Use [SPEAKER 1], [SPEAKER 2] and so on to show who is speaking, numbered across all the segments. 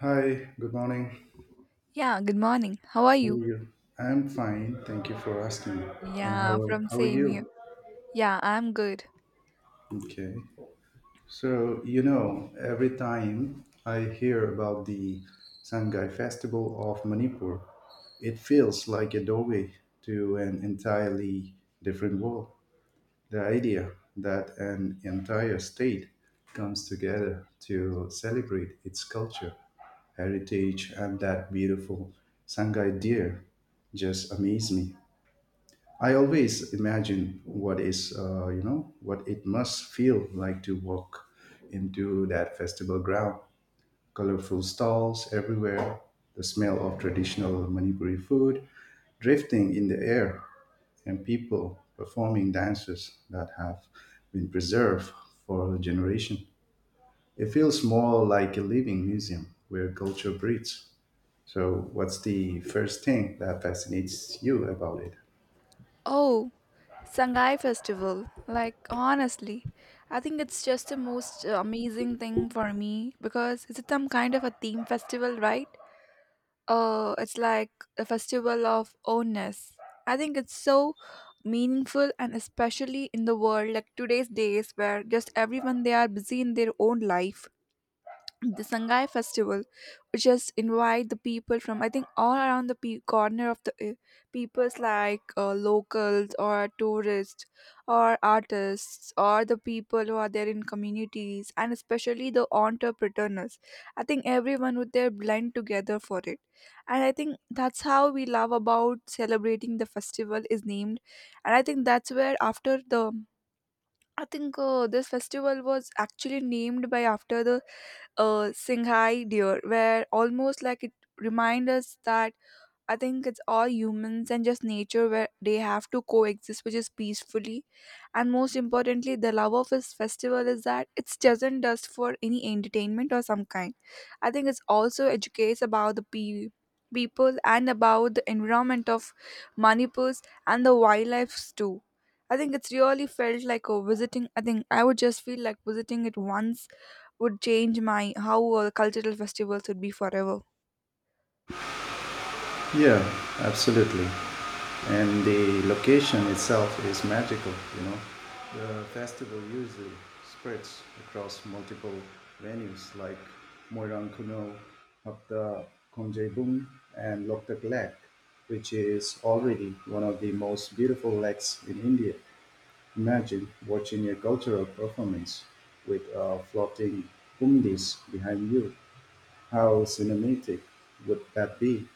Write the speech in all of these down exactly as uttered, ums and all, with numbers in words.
[SPEAKER 1] Hi, good morning.
[SPEAKER 2] Yeah, good morning. How are
[SPEAKER 1] How
[SPEAKER 2] you?
[SPEAKER 1] are you? I'm fine, thank you for asking. And
[SPEAKER 2] Yeah,
[SPEAKER 1] how,
[SPEAKER 2] from
[SPEAKER 1] how are
[SPEAKER 2] same here.
[SPEAKER 1] you?
[SPEAKER 2] Yeah, I'm good.
[SPEAKER 1] Okay. So, you know, every time I hear about the Sangai Festival of Manipur, it feels like a doorway to an entirely different world. The idea that an entire state comes together to celebrate its culture, heritage, and that beautiful Sangai deer just amaze me. I always imagine what is, uh, you know, what it must feel like to walk into that festival ground. Colorful stalls everywhere, the smell of traditional Manipuri food drifting in the air, and people performing dances that have been preserved for a generation. It feels more like a living museum where culture breathes. So, what's the first thing that fascinates you about it?
[SPEAKER 2] Oh, Sangai Festival. Like, honestly, I think it's just the most uh, amazing thing for me because it's some kind of a theme festival, right? Uh, it's like a festival of ownness. I think it's so meaningful and especially in the world like today's days where just everyone they are busy in their own life the Sangai festival, which just invite the people from I think all around the pe- corner of the uh, peoples like uh, locals or tourists or artists or the people who are there in communities and especially the entrepreneurs. I think everyone would there blend together for it, and I think that's how we love about celebrating the festival is named, and I think that's where after the I think uh, this festival was actually named by after the uh, Singhai deer, where almost like it remind us that I think it's all humans and just nature where they have to coexist, which is peacefully. And most importantly, the love of this festival is that it's doesn't just for any entertainment or some kind. I think it's also educates about the pe- people and about the environment of Manipurs and the wildlife too. I think it's really felt like a visiting. I think I would just feel like visiting it once would change my how uh, cultural festivals would be forever.
[SPEAKER 1] Yeah, absolutely. And the location itself is magical, you know. The festival usually spreads across multiple venues like Moirang Kuno, Hapta Konjebung, and Loktak Lake, which is already one of the most beautiful lakes in India. Imagine watching a cultural performance with uh, floating humdis behind you. How cinematic would that be?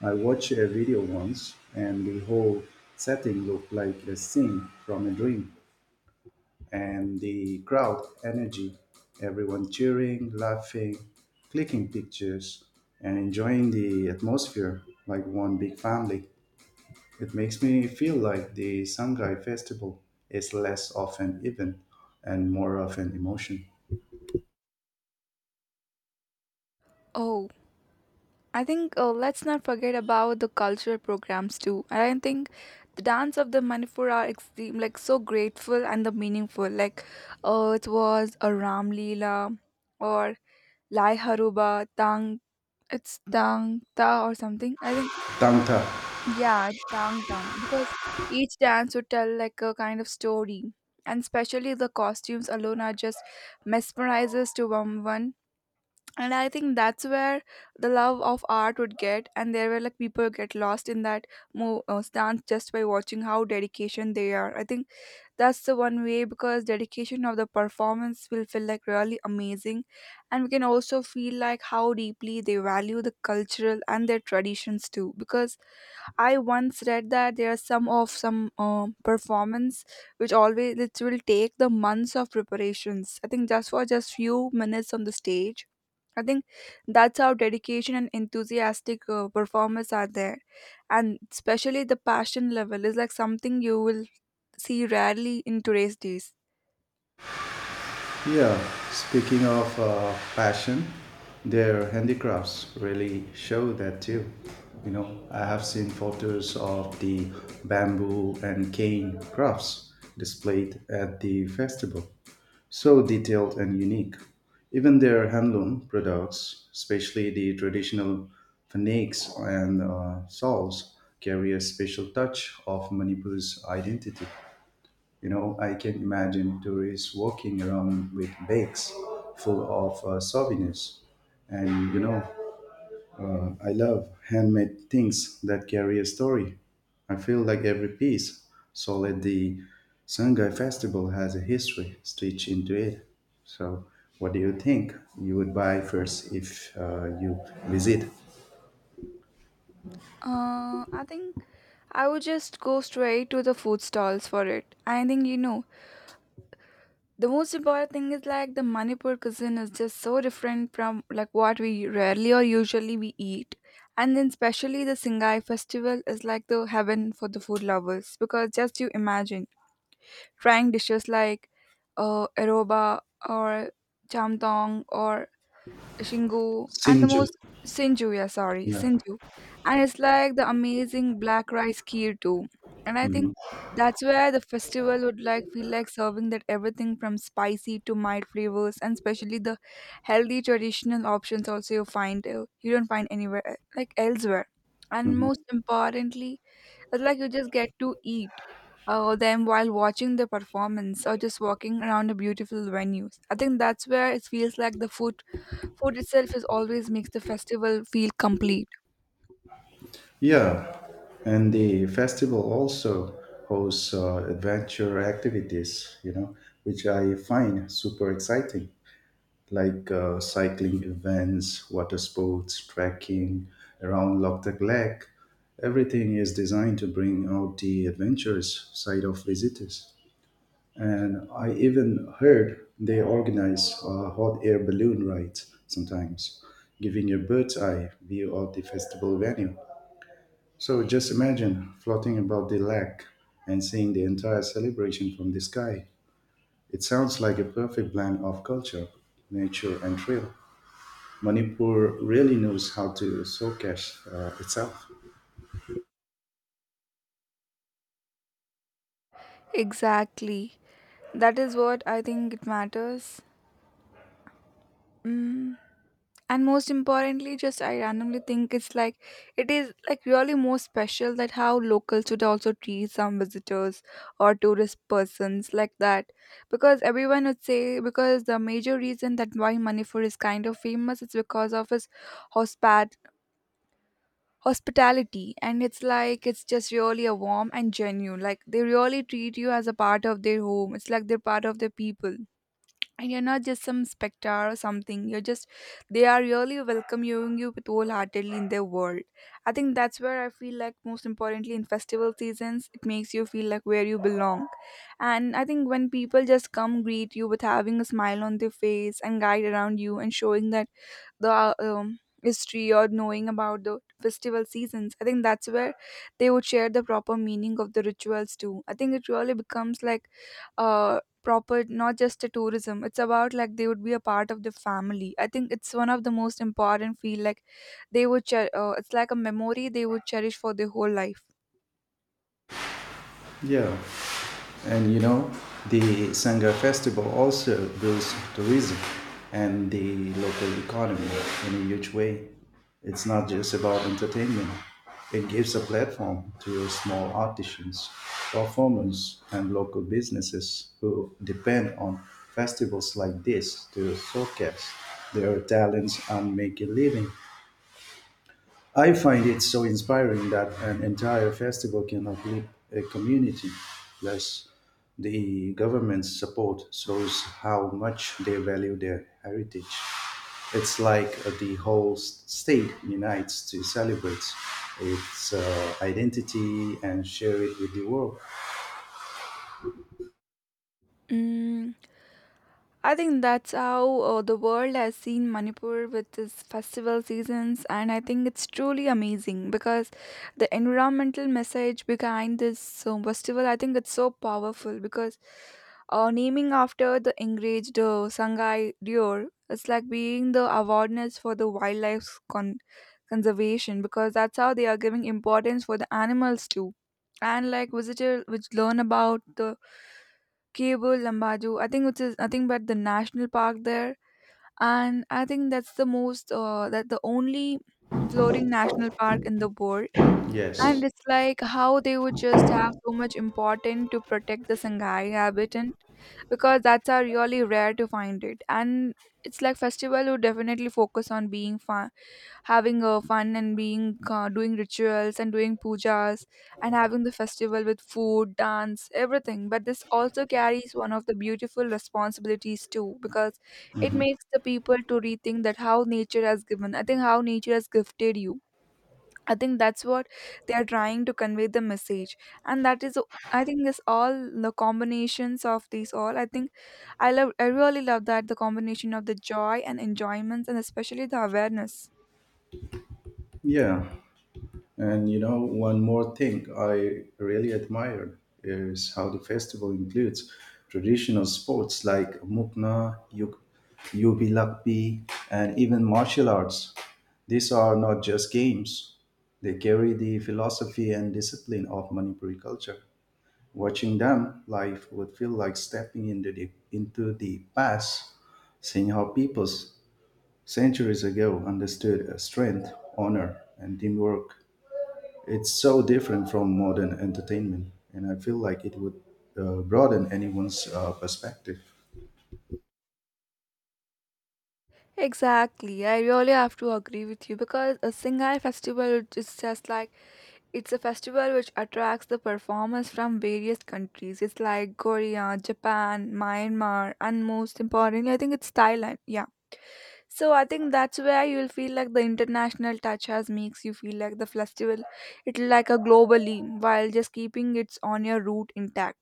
[SPEAKER 1] I watched a video once, and the whole setting looked like a scene from a dream. And the crowd energy, everyone cheering, laughing, clicking pictures, and enjoying the atmosphere like one big family. It makes me feel like the Shanghai Festival is less of an event and more of an emotion.
[SPEAKER 2] Oh, I think uh, let's not forget about the cultural programs too. And I think the dance of the Manipur are extreme, like so grateful and the meaningful. Like, uh, it was a Ram Leela or Lai Haruba Tang. It's Tang Ta or something. I think
[SPEAKER 1] Tang.
[SPEAKER 2] yeah, it's Tang Tam because each dance would tell like a kind of story. And especially the costumes alone are just mesmerizes to one, and I think that's where the love of art would get, and there were like people get lost in that mo- uh, stance just by watching how dedication they are. I think that's the one way because dedication of the performance will feel like really amazing, and we can also feel like how deeply they value the cultural and their traditions too because I once read that there are some of some um performance which always it will take the months of preparations. I think just for just few minutes on the stage. I think that's how dedication and enthusiastic uh, performers are there, and especially the passion level is like something you will see rarely in today's days.
[SPEAKER 1] Yeah, speaking of uh, fashion, their handicrafts really show that too. You know, I have seen photos of the bamboo and cane crafts displayed at the festival. So detailed and unique. Even their handloom products, especially the traditional faniks and uh, shawls, carry a special touch of Manipur's identity. You know, I can imagine tourists walking around with bags full of uh, souvenirs. And, you know, uh, I love handmade things that carry a story. I feel like every piece sold at the Sangai Festival has a history stitched into it. So, what do you think you would buy first if uh, you visit?
[SPEAKER 2] Uh, I think I would just go straight to the food stalls for it. I think you know the most important thing is like the Manipur cuisine is just so different from like what we rarely or usually we eat. And then especially the Singhai festival is like the heaven for the food lovers because just you imagine trying dishes like uh, aroba or chamtong or Shingo, and the
[SPEAKER 1] Sinju?
[SPEAKER 2] most Sinju, yeah, sorry,
[SPEAKER 1] Yeah.
[SPEAKER 2] Sinju. And it's like the amazing black rice kheer too. And I
[SPEAKER 1] Mhm.
[SPEAKER 2] think that's where the festival would like feel like serving that everything from spicy to mild flavors and especially the healthy traditional options also you find uh, you don't find anywhere e- like elsewhere. And most
[SPEAKER 1] Mhm.
[SPEAKER 2] importantly, it's like you just get to eat uh, them while watching the performance or just walking around the beautiful venues. I think that's where it feels like the food food itself is always makes the festival feel complete.
[SPEAKER 1] Yeah, and the festival also hosts uh, adventure activities, you know, which I find super exciting, like uh, cycling events, water sports, trekking around Loptak Lake. Everything is designed to bring out the adventurous side of visitors. And I even heard they organize uh, hot air balloon rides sometimes, giving a bird's eye view of the festival venue. So just imagine floating above the lake and seeing the entire celebration from the sky. It sounds like a perfect blend of culture, nature, and thrill. Manipur really knows how to showcase uh, itself.
[SPEAKER 2] Exactly. That is what I think it matters. Mm. And most importantly, just I randomly think it's like it is like really more special that how locals should also treat some visitors or tourist persons like that. Because everyone would say because the major reason that why Manipur is kind of famous is because of his hospitality, and it's like it's just really a warm and genuine, like they really treat you as a part of their home. It's like they're part of their people, and you're not just some spectator or something. You're just they are really welcoming you with wholeheartedly in their world. I think that's where I feel like most importantly in festival seasons it makes you feel like where you belong, and I think when people just come greet you with having a smile on their face and guide around you and showing that the uh, um, history or knowing about the festival seasons, I think that's where they would share the proper meaning of the rituals too. I think it really becomes like uh proper, not just a tourism. It's about like they would be a part of the family. I think it's one of the most important feel like they would cher- uh, it's like a memory they would cherish for their whole life.
[SPEAKER 1] Yeah. And you know, the Sangha festival also boosts tourism and the local economy in a huge way. It's not just about entertainment. It gives a platform to small artisans, performers, and local businesses who depend on festivals like this to showcase their talents and make a living. I find it so inspiring that an entire festival can uplift a community, plus the government's support shows how much they value their heritage. It's like uh, the whole s- state unites to celebrate its uh, identity and share it with the world.
[SPEAKER 2] 嗯，I think that's how uh, the world has seen Manipur with its festival seasons, and I think it's truly amazing because the environmental message behind this uh, festival, I think it's so powerful because uh, naming after the enraged uh, Sangai deer, it's like being the awareness for the wildlife con- conservation because that's how they are giving importance for the animals too, and like visitor which learn about the Cabo Lambadu. I think it's is nothing but the national park there, and I think that's the most uh, that the only floating national park in the world. And
[SPEAKER 1] Yes.
[SPEAKER 2] it's like how they would just have so much important to protect the Sangha habitant because that's are really rare to find it. And it's like festival would definitely focus on being fun, having uh, fun and being uh, doing rituals and doing pujas and having the festival with food dance everything, but this also carries one of the beautiful responsibilities too because it
[SPEAKER 1] Mhm.
[SPEAKER 2] makes the people to rethink that how nature has given. I think how nature has gifted you, I think that's what they are trying to convey the message, and that is I think this all the combinations of these all. I think I love. I really love that the combination of the joy and enjoyments, and especially the awareness.
[SPEAKER 1] Yeah. And you know, one more thing I really admire is how the festival includes traditional sports like mukna, yug- yubi lakbi, and even martial arts. These are not just games, they carry the philosophy and discipline of Manipuri culture. Watching them live would feel like stepping into the, into the past, seeing how peoples centuries ago understood uh, strength, honor, and teamwork. It's so different from modern entertainment, and I feel like it would uh, broaden anyone's uh, perspective.
[SPEAKER 2] Exactly, I really have to agree with you because a Singhai festival is just like it's a festival which attracts the performers from various countries. It's like Korea, Japan, Myanmar, and most importantly, I think it's Thailand. Yeah. So I think that's where you'll feel like the international touch has makes you feel like the festival. It's like a globally while just keeping its on your root intact.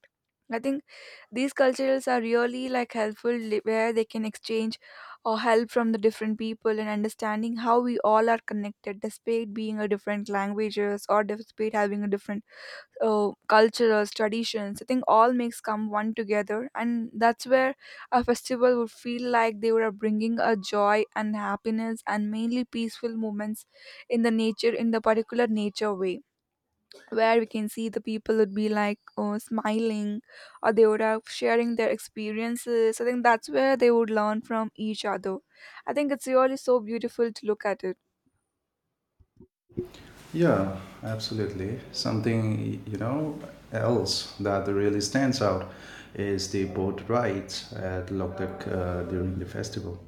[SPEAKER 2] I think these cultures are really like helpful li- where they can exchange or help from the different people and understanding how we all are connected despite being a different languages or despite having a different uh, cultures, traditions. I think all makes come one together, and that's where a festival would feel like they were bringing a joy and happiness and mainly peaceful moments in the nature, in the particular nature way, where we can see the people would be like oh, smiling, or they would have sharing their experiences. I think that's where they would learn from each other. I think it's really so beautiful to look at it.
[SPEAKER 1] Yeah, absolutely. Something, you know, else that really stands out is the boat rides at Loktak uh, during the festival.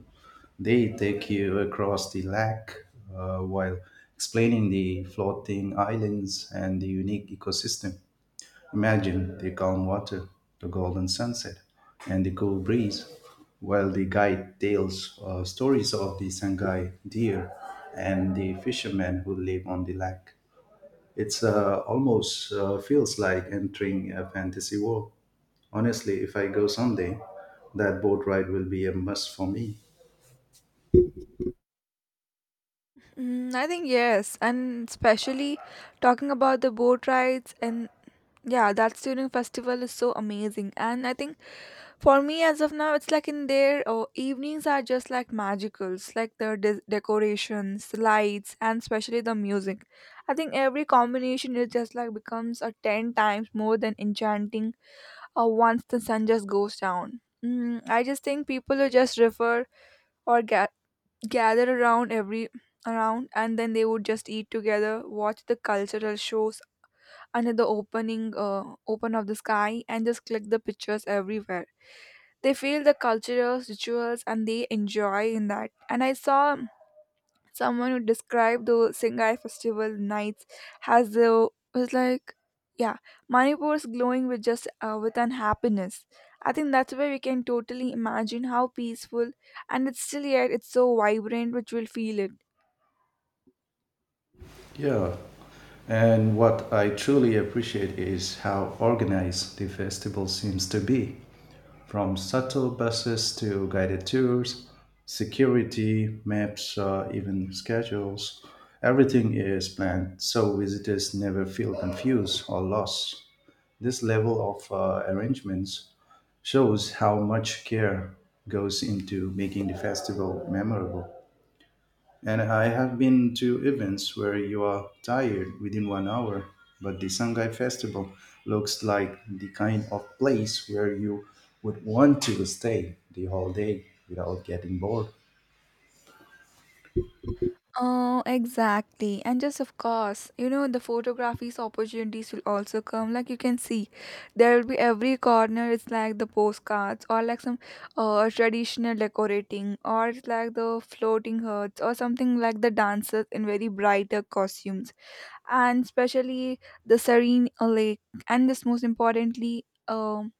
[SPEAKER 1] They take you across the lake uh, while explaining the floating islands and the unique ecosystem. Imagine the calm water, the golden sunset, and the cool breeze, while the guide tells uh, stories of the Sangai deer and the fishermen who live on the lake. It's uh, almost uh, feels like entering a fantasy world. Honestly, if I go someday, that boat ride will be a must for me.
[SPEAKER 2] Mm, I think yes, and especially talking about the boat rides and yeah, that student festival is so amazing. And I think for me as of now, it's like in there, oh, evenings are just like magicals, like the de- decorations, lights, and especially the music. I think every combination is just like becomes a ten times more than enchanting. Or once the sun just goes down, mm, I just think people who just refer or ga- gather around every around, and then they would just eat together, watch the cultural shows under the opening uh, open of the sky, and just click the pictures everywhere. They feel the cultural rituals and they enjoy in that, and I saw someone who described the Singai festival nights as though was like yeah Manipur is glowing with just uh, with an happiness. I think that's where we can totally imagine how peaceful and it's still yet it's so vibrant which will feel it.
[SPEAKER 1] Yeah. And what I truly appreciate is how organized the festival seems to be, from shuttle buses to guided tours, security, maps, uh, even schedules. Everything is planned so visitors never feel confused or lost. This level of uh, arrangements shows how much care goes into making the festival memorable. And I have been to events where you are tired within one hour, but the Shanghai Festival looks like the kind of place where you would want to stay the whole day without getting bored.
[SPEAKER 2] Oh, exactly. And just of course, you know, the photography's opportunities will also come. Like you can see, there will be every corner. It's like the postcards or like some uh, traditional decorating, or it's like the floating hearts or something like the dancers in very brighter costumes. And especially the serene uh, lake, and this most importantly, um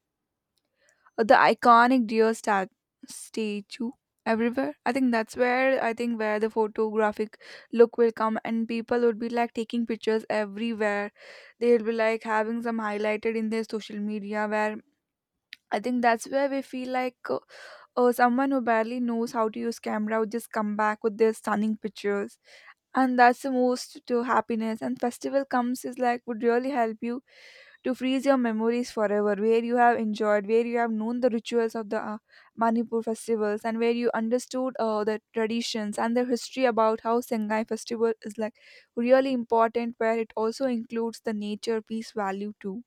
[SPEAKER 2] the iconic deer stat- statue everywhere. I think that's where I think where the photographic look will come, and people would be like taking pictures everywhere. They'll be like having some highlighted in their social media. Where I think that's where we feel like uh, uh, someone who barely knows how to use camera would just come back with their stunning pictures, and that's the most to happiness. And festival comes is like would really help you to freeze your memories forever, where you have enjoyed, where you have known the rituals of the uh, Manipur festivals, and where you understood uh, the traditions and the history about how Sengai festival is like really important, where it also includes the nature peace value too.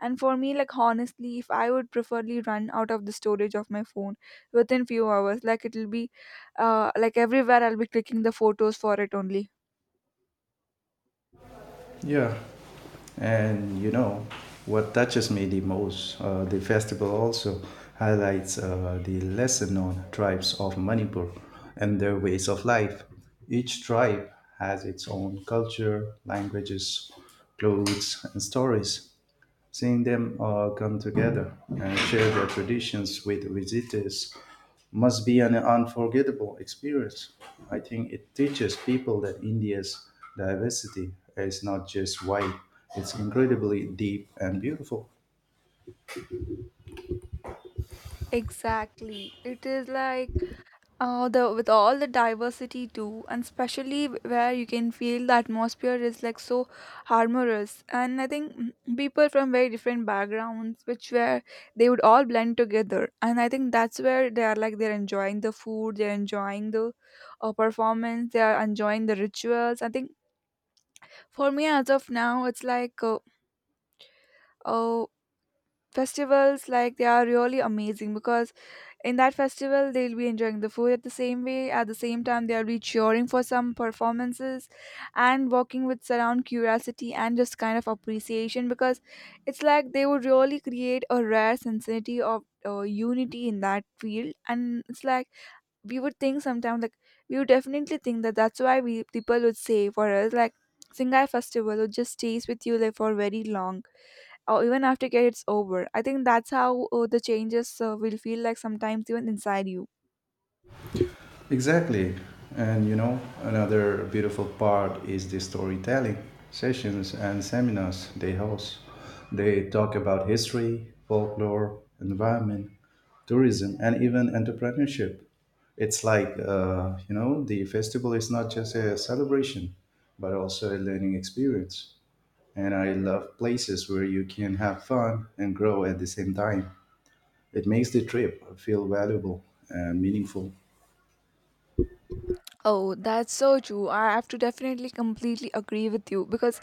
[SPEAKER 2] And for me, like honestly, if I would preferably run out of the storage of my phone within few hours, like it'll be, uh, like everywhere I'll be clicking the photos for it only.
[SPEAKER 1] Yeah, and you know what touches me the most? Uh, the festival also highlights uh, the lesser known tribes of Manipur and their ways of life. Each tribe has its own culture, languages, clothes, and stories. Seeing them all come together and share their traditions with visitors must be an unforgettable experience. I think it teaches people that India's diversity is not just white, it's incredibly deep and beautiful.
[SPEAKER 2] Exactly. It is like Uh, the with all the diversity too, and especially where you can feel the atmosphere is like so harmonious, and I think mm, people from very different backgrounds, which where they would all blend together, and I think that's where they are like they're enjoying the food, they're enjoying the uh, performance, they are enjoying the rituals. I think for me as of now, it's like uh, uh, festivals like they are really amazing because in that festival they'll be enjoying the food at the same way at the same time they'll be cheering for some performances and walking with surround curiosity and just kind of appreciation because it's like they would really create a rare sensitivity of uh, unity in that field. And it's like we would think sometimes like we would definitely think that that's why we people would say for us like Singai festival would just stays with you like for very long or even after it's over. I think that's how uh, the changes uh, will feel like sometimes even inside you.
[SPEAKER 1] Exactly. And you know, another beautiful part is the storytelling sessions and seminars they host. They talk about history, folklore, environment, tourism, and even entrepreneurship. It's like, uh, you know, the festival is not just a celebration, but also a learning experience. And I love places where you can have fun and grow at the same time. It makes the trip feel valuable and meaningful.
[SPEAKER 2] Oh, that's so true. I have to definitely completely agree with you because,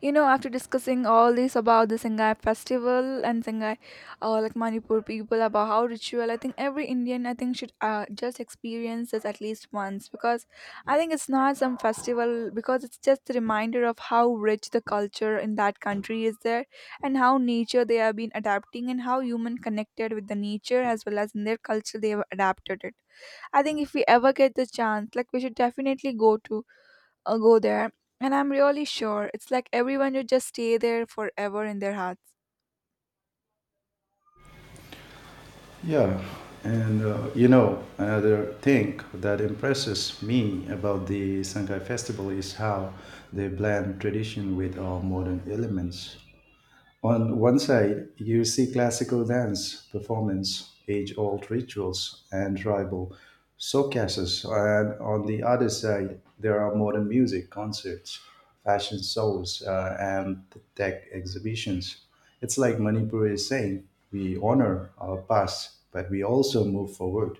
[SPEAKER 2] you know, after discussing all this about the Sangai festival and Sangai, uh, like Manipur people about how ritual, I think every Indian, I think, should uh, just experience this at least once, because I think it's not some festival because it's just a reminder of how rich the culture in that country is there, and how nature they have been adapting, and how human connected with the nature as well as in their culture they have adapted it. I think if we ever get the chance, like we should definitely go to uh, go there. And I'm really sure it's like everyone would just stay there forever in their hearts.
[SPEAKER 1] Yeah. And, uh, you know, another thing that impresses me about the Sangai Festival is how they blend tradition with all modern elements. On one side, you see classical dance performance, age old rituals, and tribal showcases. And on the other side, there are modern music concerts, fashion shows, uh, and tech exhibitions. It's like Manipur is saying we honor our past, but we also move forward.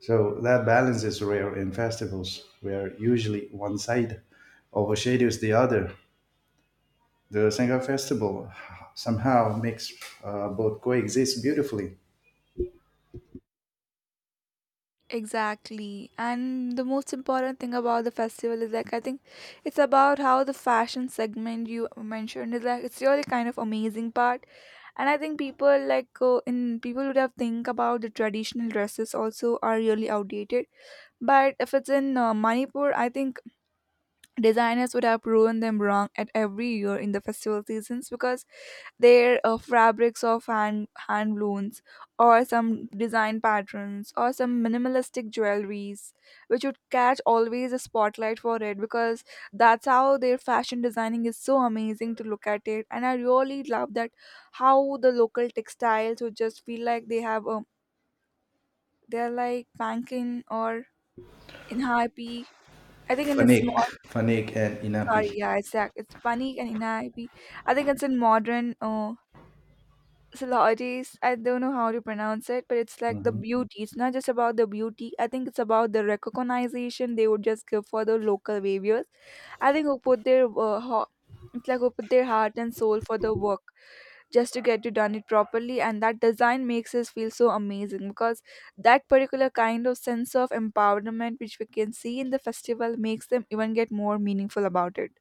[SPEAKER 1] So that balance is rare in festivals, where usually one side overshadows the other. The Sangha Festival somehow makes uh, both coexist beautifully.
[SPEAKER 2] Exactly. And the most important thing about the festival is like I think it's about how the fashion segment you mentioned is like it's really kind of amazing part. And I think people like uh, in people would have think about the traditional dresses also are really outdated. But if it's in uh, Manipur, I think designers would have proven them wrong at every year in the festival seasons because their uh, fabrics of hand hand looms, or some design patterns, or some minimalistic jewelries which would catch always a spotlight for it, because that's how their fashion designing is so amazing to look at it, and I really love that how the local textiles would just feel like they have um, they're like Pankin or in high p, I think in a
[SPEAKER 1] Fanik,
[SPEAKER 2] small.
[SPEAKER 1] Fanik, and
[SPEAKER 2] Sorry,
[SPEAKER 1] Inapi.
[SPEAKER 2] yeah, exactly. It's Panik and Inaibi. I think it's in modern uh, celebrities. I don't know how to pronounce it, but it's like the
[SPEAKER 1] Mhm.
[SPEAKER 2] beauty. It's not just about the beauty. I think it's about the recognition they would just give for the local waviers. I think who put their uh, ho- it's like who put their heart and soul for the work just to get it done it properly, and that design makes us feel so amazing because that particular kind of sense of empowerment which we can see in the festival makes them even get more meaningful about it.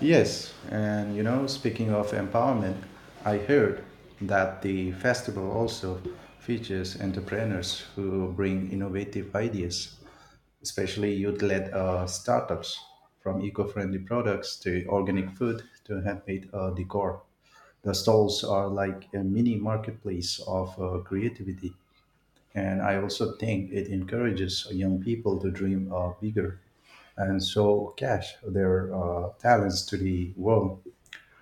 [SPEAKER 1] Yes, and you know, speaking of empowerment, I heard that the festival also features entrepreneurs who bring innovative ideas, especially youth led uh, startups, from eco friendly products to organic food to handmade uh, decor. The stalls are like a mini marketplace of uh, creativity. And I also think it encourages young people to dream uh, bigger and so cash their uh, talents to the world.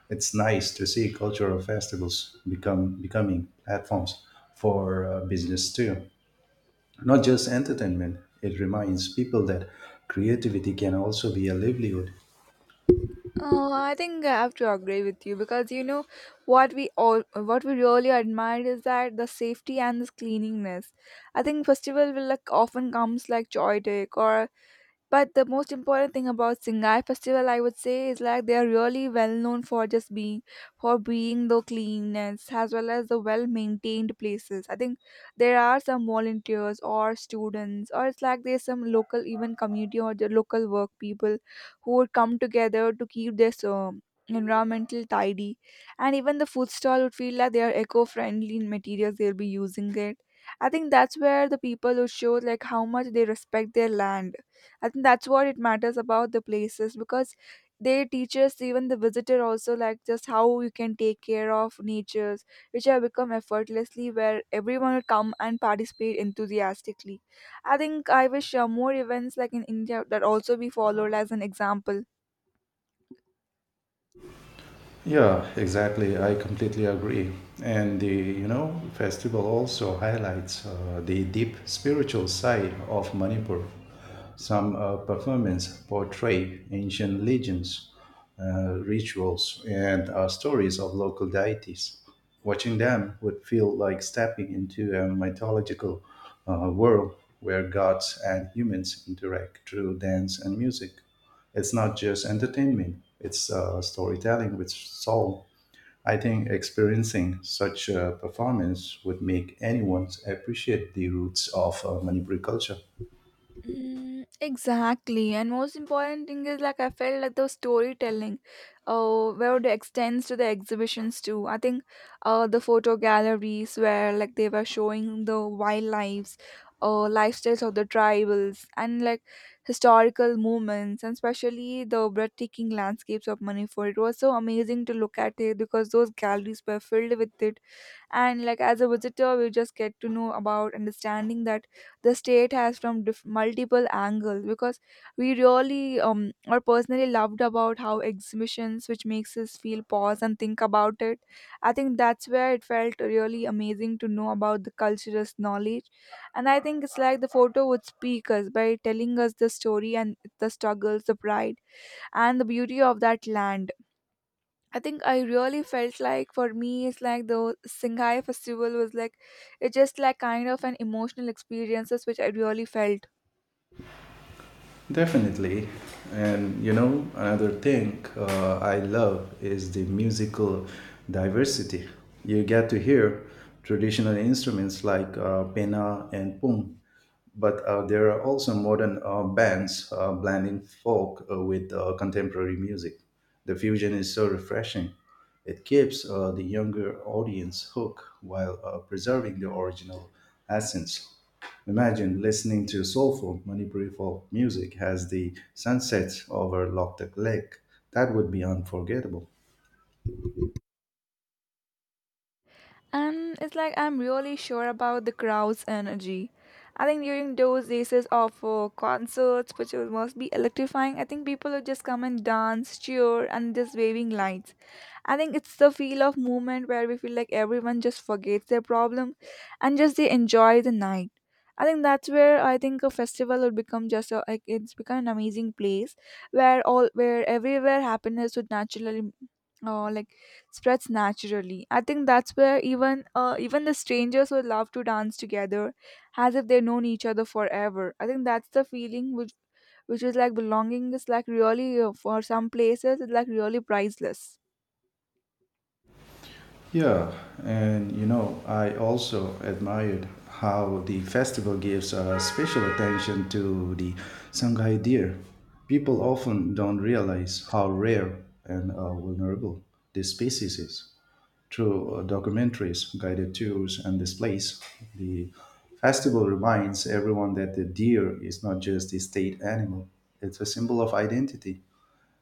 [SPEAKER 1] It's nice to see cultural festivals become becoming platforms for uh, business too, not just entertainment. It reminds people that creativity can also be a livelihood.
[SPEAKER 2] Oh, I think I have to agree with you because you know what we all what we really admire is that the safety and the cleanliness. I think festival will like often comes like joy day or but the most important thing about Singai festival, I would say, is like they are really well known for just being for being the cleanness as well as the well maintained places. I think there are some volunteers or students, or it's like there's some local even community or the local work people who would come together to keep this um, environmental tidy, and even the food stall would feel like they are eco-friendly in materials they'll be using it. I think that's where the people would show like how much they respect their land. I think that's what it matters about the places because they teach us even the visitor also like just how you can take care of natures, which have become effortlessly where everyone will come and participate enthusiastically. I think I wish uh, more events like in India that also be followed as an example.
[SPEAKER 1] Yeah, exactly. I completely agree. And the, you know, festival also highlights uh, the deep spiritual side of Manipur. Some uh, performances portray ancient legends, uh, rituals, and uh, stories of local deities. Watching them would feel like stepping into a mythological uh, world where gods and humans interact through dance and music. It's not just entertainment, it's uh, storytelling with soul. I think experiencing such a performance would make anyone appreciate the roots of uh, Manipuri culture.
[SPEAKER 2] Mm, exactly, and most important thing is like I felt like the storytelling, uh, where it extends to the exhibitions too. I think, uh, the photo galleries where like they were showing the wildlife, uh, lifestyles of the tribals, and like historical moments, and especially the breathtaking landscapes of Manipur. It was so amazing to look at it because those galleries were filled with it, and like as a visitor we just get to know about understanding that the state has from diff- multiple angles, because we really um, or personally loved about how exhibitions which makes us feel pause and think about it. I think that's where it felt really amazing to know about the cultural knowledge, and I think it's like the photo would speak us by telling us the story and the struggles, the pride, and the beauty of that land. I think I really felt like for me it's like the Shanghai festival was like it's just like kind of an emotional experiences which I really felt.
[SPEAKER 1] Definitely. And you know, another thing uh, I love is the musical diversity. You get to hear traditional instruments like uh, pena and pung, but uh, there are also modern uh, bands uh, blending folk uh, with uh, contemporary music. The fusion is so refreshing. It keeps uh, the younger audience hooked while uh, preserving the original essence. Imagine listening to soulful Manipuri folk music as the sun sets over Loktak Lake. That would be unforgettable.
[SPEAKER 2] And it's like I'm really sure about the crowd's energy. I think during those days of uh, concerts, which was- must be electrifying, I think people would just come and dance, cheer, and just waving lights. I think it's the feel of movement where we feel like everyone just forgets their problem and just they enjoy the night. I think that's where I think a festival would become just a, like it's become an amazing place where all where everywhere happiness would naturally uh, like spreads naturally. I think that's where even uh, even the strangers would love to dance together, as if they've known each other forever. I think that's the feeling which which is like belonging is like really uh, for some places it's like really priceless.
[SPEAKER 1] Yeah, and you know, I also admired how the festival gives uh, special attention to the Shanghai deer. People often don't realize how rare and uh, vulnerable this species is, through uh, documentaries, guided tours, and displays. The festival reminds everyone that the deer is not just a state animal, it's a symbol of identity.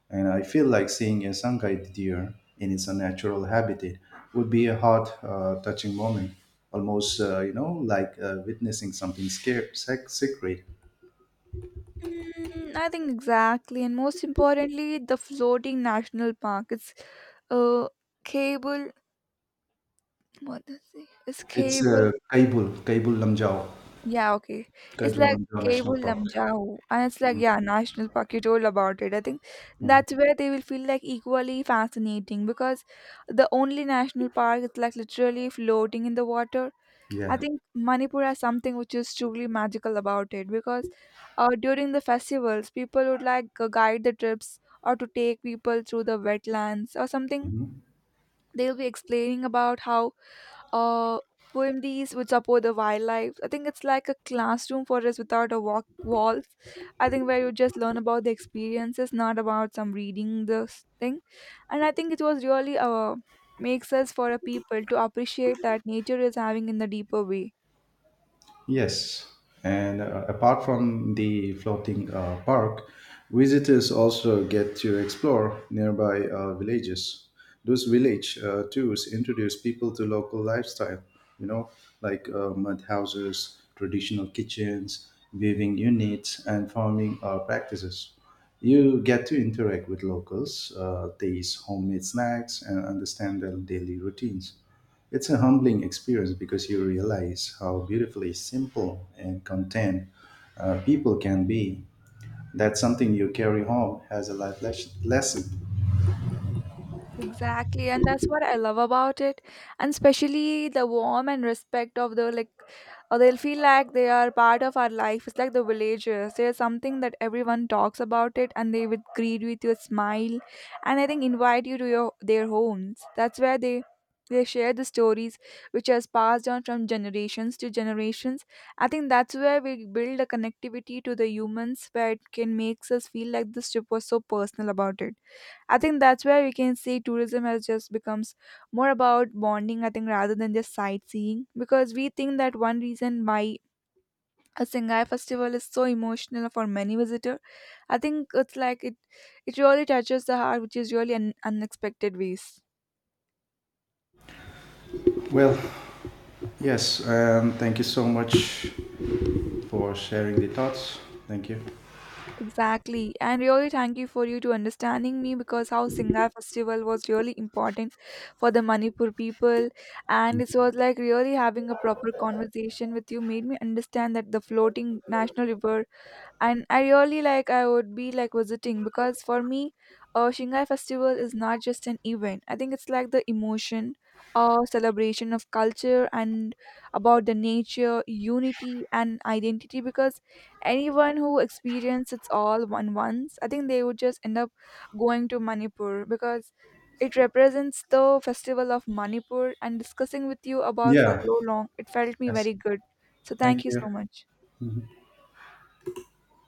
[SPEAKER 1] And I feel like seeing a Sangay deer in its natural habitat would be a heart uh, touching moment, almost, uh, you know, like uh, witnessing something scare- sec- sacred.
[SPEAKER 2] Mm, I think exactly, and most importantly, the floating national park. It's uh, cable. What does it? It's
[SPEAKER 1] It's
[SPEAKER 2] cable.
[SPEAKER 1] uh, Kaibul, Kaibul Lamjau,
[SPEAKER 2] Yeah, okay. It's
[SPEAKER 1] Kaibul
[SPEAKER 2] like
[SPEAKER 1] Lamjau National
[SPEAKER 2] Cable
[SPEAKER 1] Park.
[SPEAKER 2] Lamjao, and it's like yeah, National Park. You told about it. I think
[SPEAKER 1] Mhm.
[SPEAKER 2] that's where they will feel like equally fascinating, because the only national park is like literally floating in the water. I
[SPEAKER 1] Yeah.
[SPEAKER 2] think Manipur has something which is truly magical about it, because uh, during the festivals, people would like uh, guide the trips or to take people through the wetlands or something.
[SPEAKER 1] Mhm.
[SPEAKER 2] They'll be explaining about how uh, poemdies would support the wildlife. I think it's like a classroom for us without a walk walls. I think where you just learn about the experiences, not about some reading this thing. And I think it was really uh, makes us for a people to appreciate that nature is having in the deeper way.
[SPEAKER 1] Yes, and uh, apart from the floating uh, park, visitors also get to explore nearby uh, villages. Those village uh, tours introduce people to local lifestyle, you know, like uh, mud houses, traditional kitchens, weaving units, and farming uh, practices. You get to interact with locals, uh, taste homemade snacks, and understand their daily routines. It's a humbling experience because you realize how beautifully simple and content uh, people can be. That's something you carry home as a life les- lesson.
[SPEAKER 2] Exactly, and that's what I love about it, and especially the warm and respect of the like, uh, they'll feel like they are part of our life. It's like the villagers. There's something that everyone talks about it, and they would greet with your smile, and I think invite you to your their homes. That's where they they share the stories which has passed on from generations to generations. I think that's where we build a connectivity to the humans, where it can makes us feel like this trip was so personal about it. I think that's where we can see tourism has just becomes more about bonding, I think, rather than just sightseeing. Because we think that one reason why a Singhai festival is so emotional for many visitor, I think it's like it it really touches the heart, which is really an unexpected ways.
[SPEAKER 1] Well, yes, um, thank you so much for sharing the thoughts. Thank you.
[SPEAKER 2] Exactly. And really thank you for you to understanding me because how Singhai festival was really important for the Manipur people, and it was like really having a proper conversation with you made me understand that the floating national river, and I really like I would be like visiting, because for me uh, Shanghai festival is not just an event, I think it's like the emotion or celebration of culture, and about the nature unity and identity, because anyone who experiences it's all one once, I think they would just end up going to Manipur, because it represents the festival of Manipur, and discussing with you about for
[SPEAKER 1] Yeah,
[SPEAKER 2] so long it felt me
[SPEAKER 1] yes,
[SPEAKER 2] very good, so
[SPEAKER 1] thank
[SPEAKER 2] thank you
[SPEAKER 1] you.
[SPEAKER 2] so much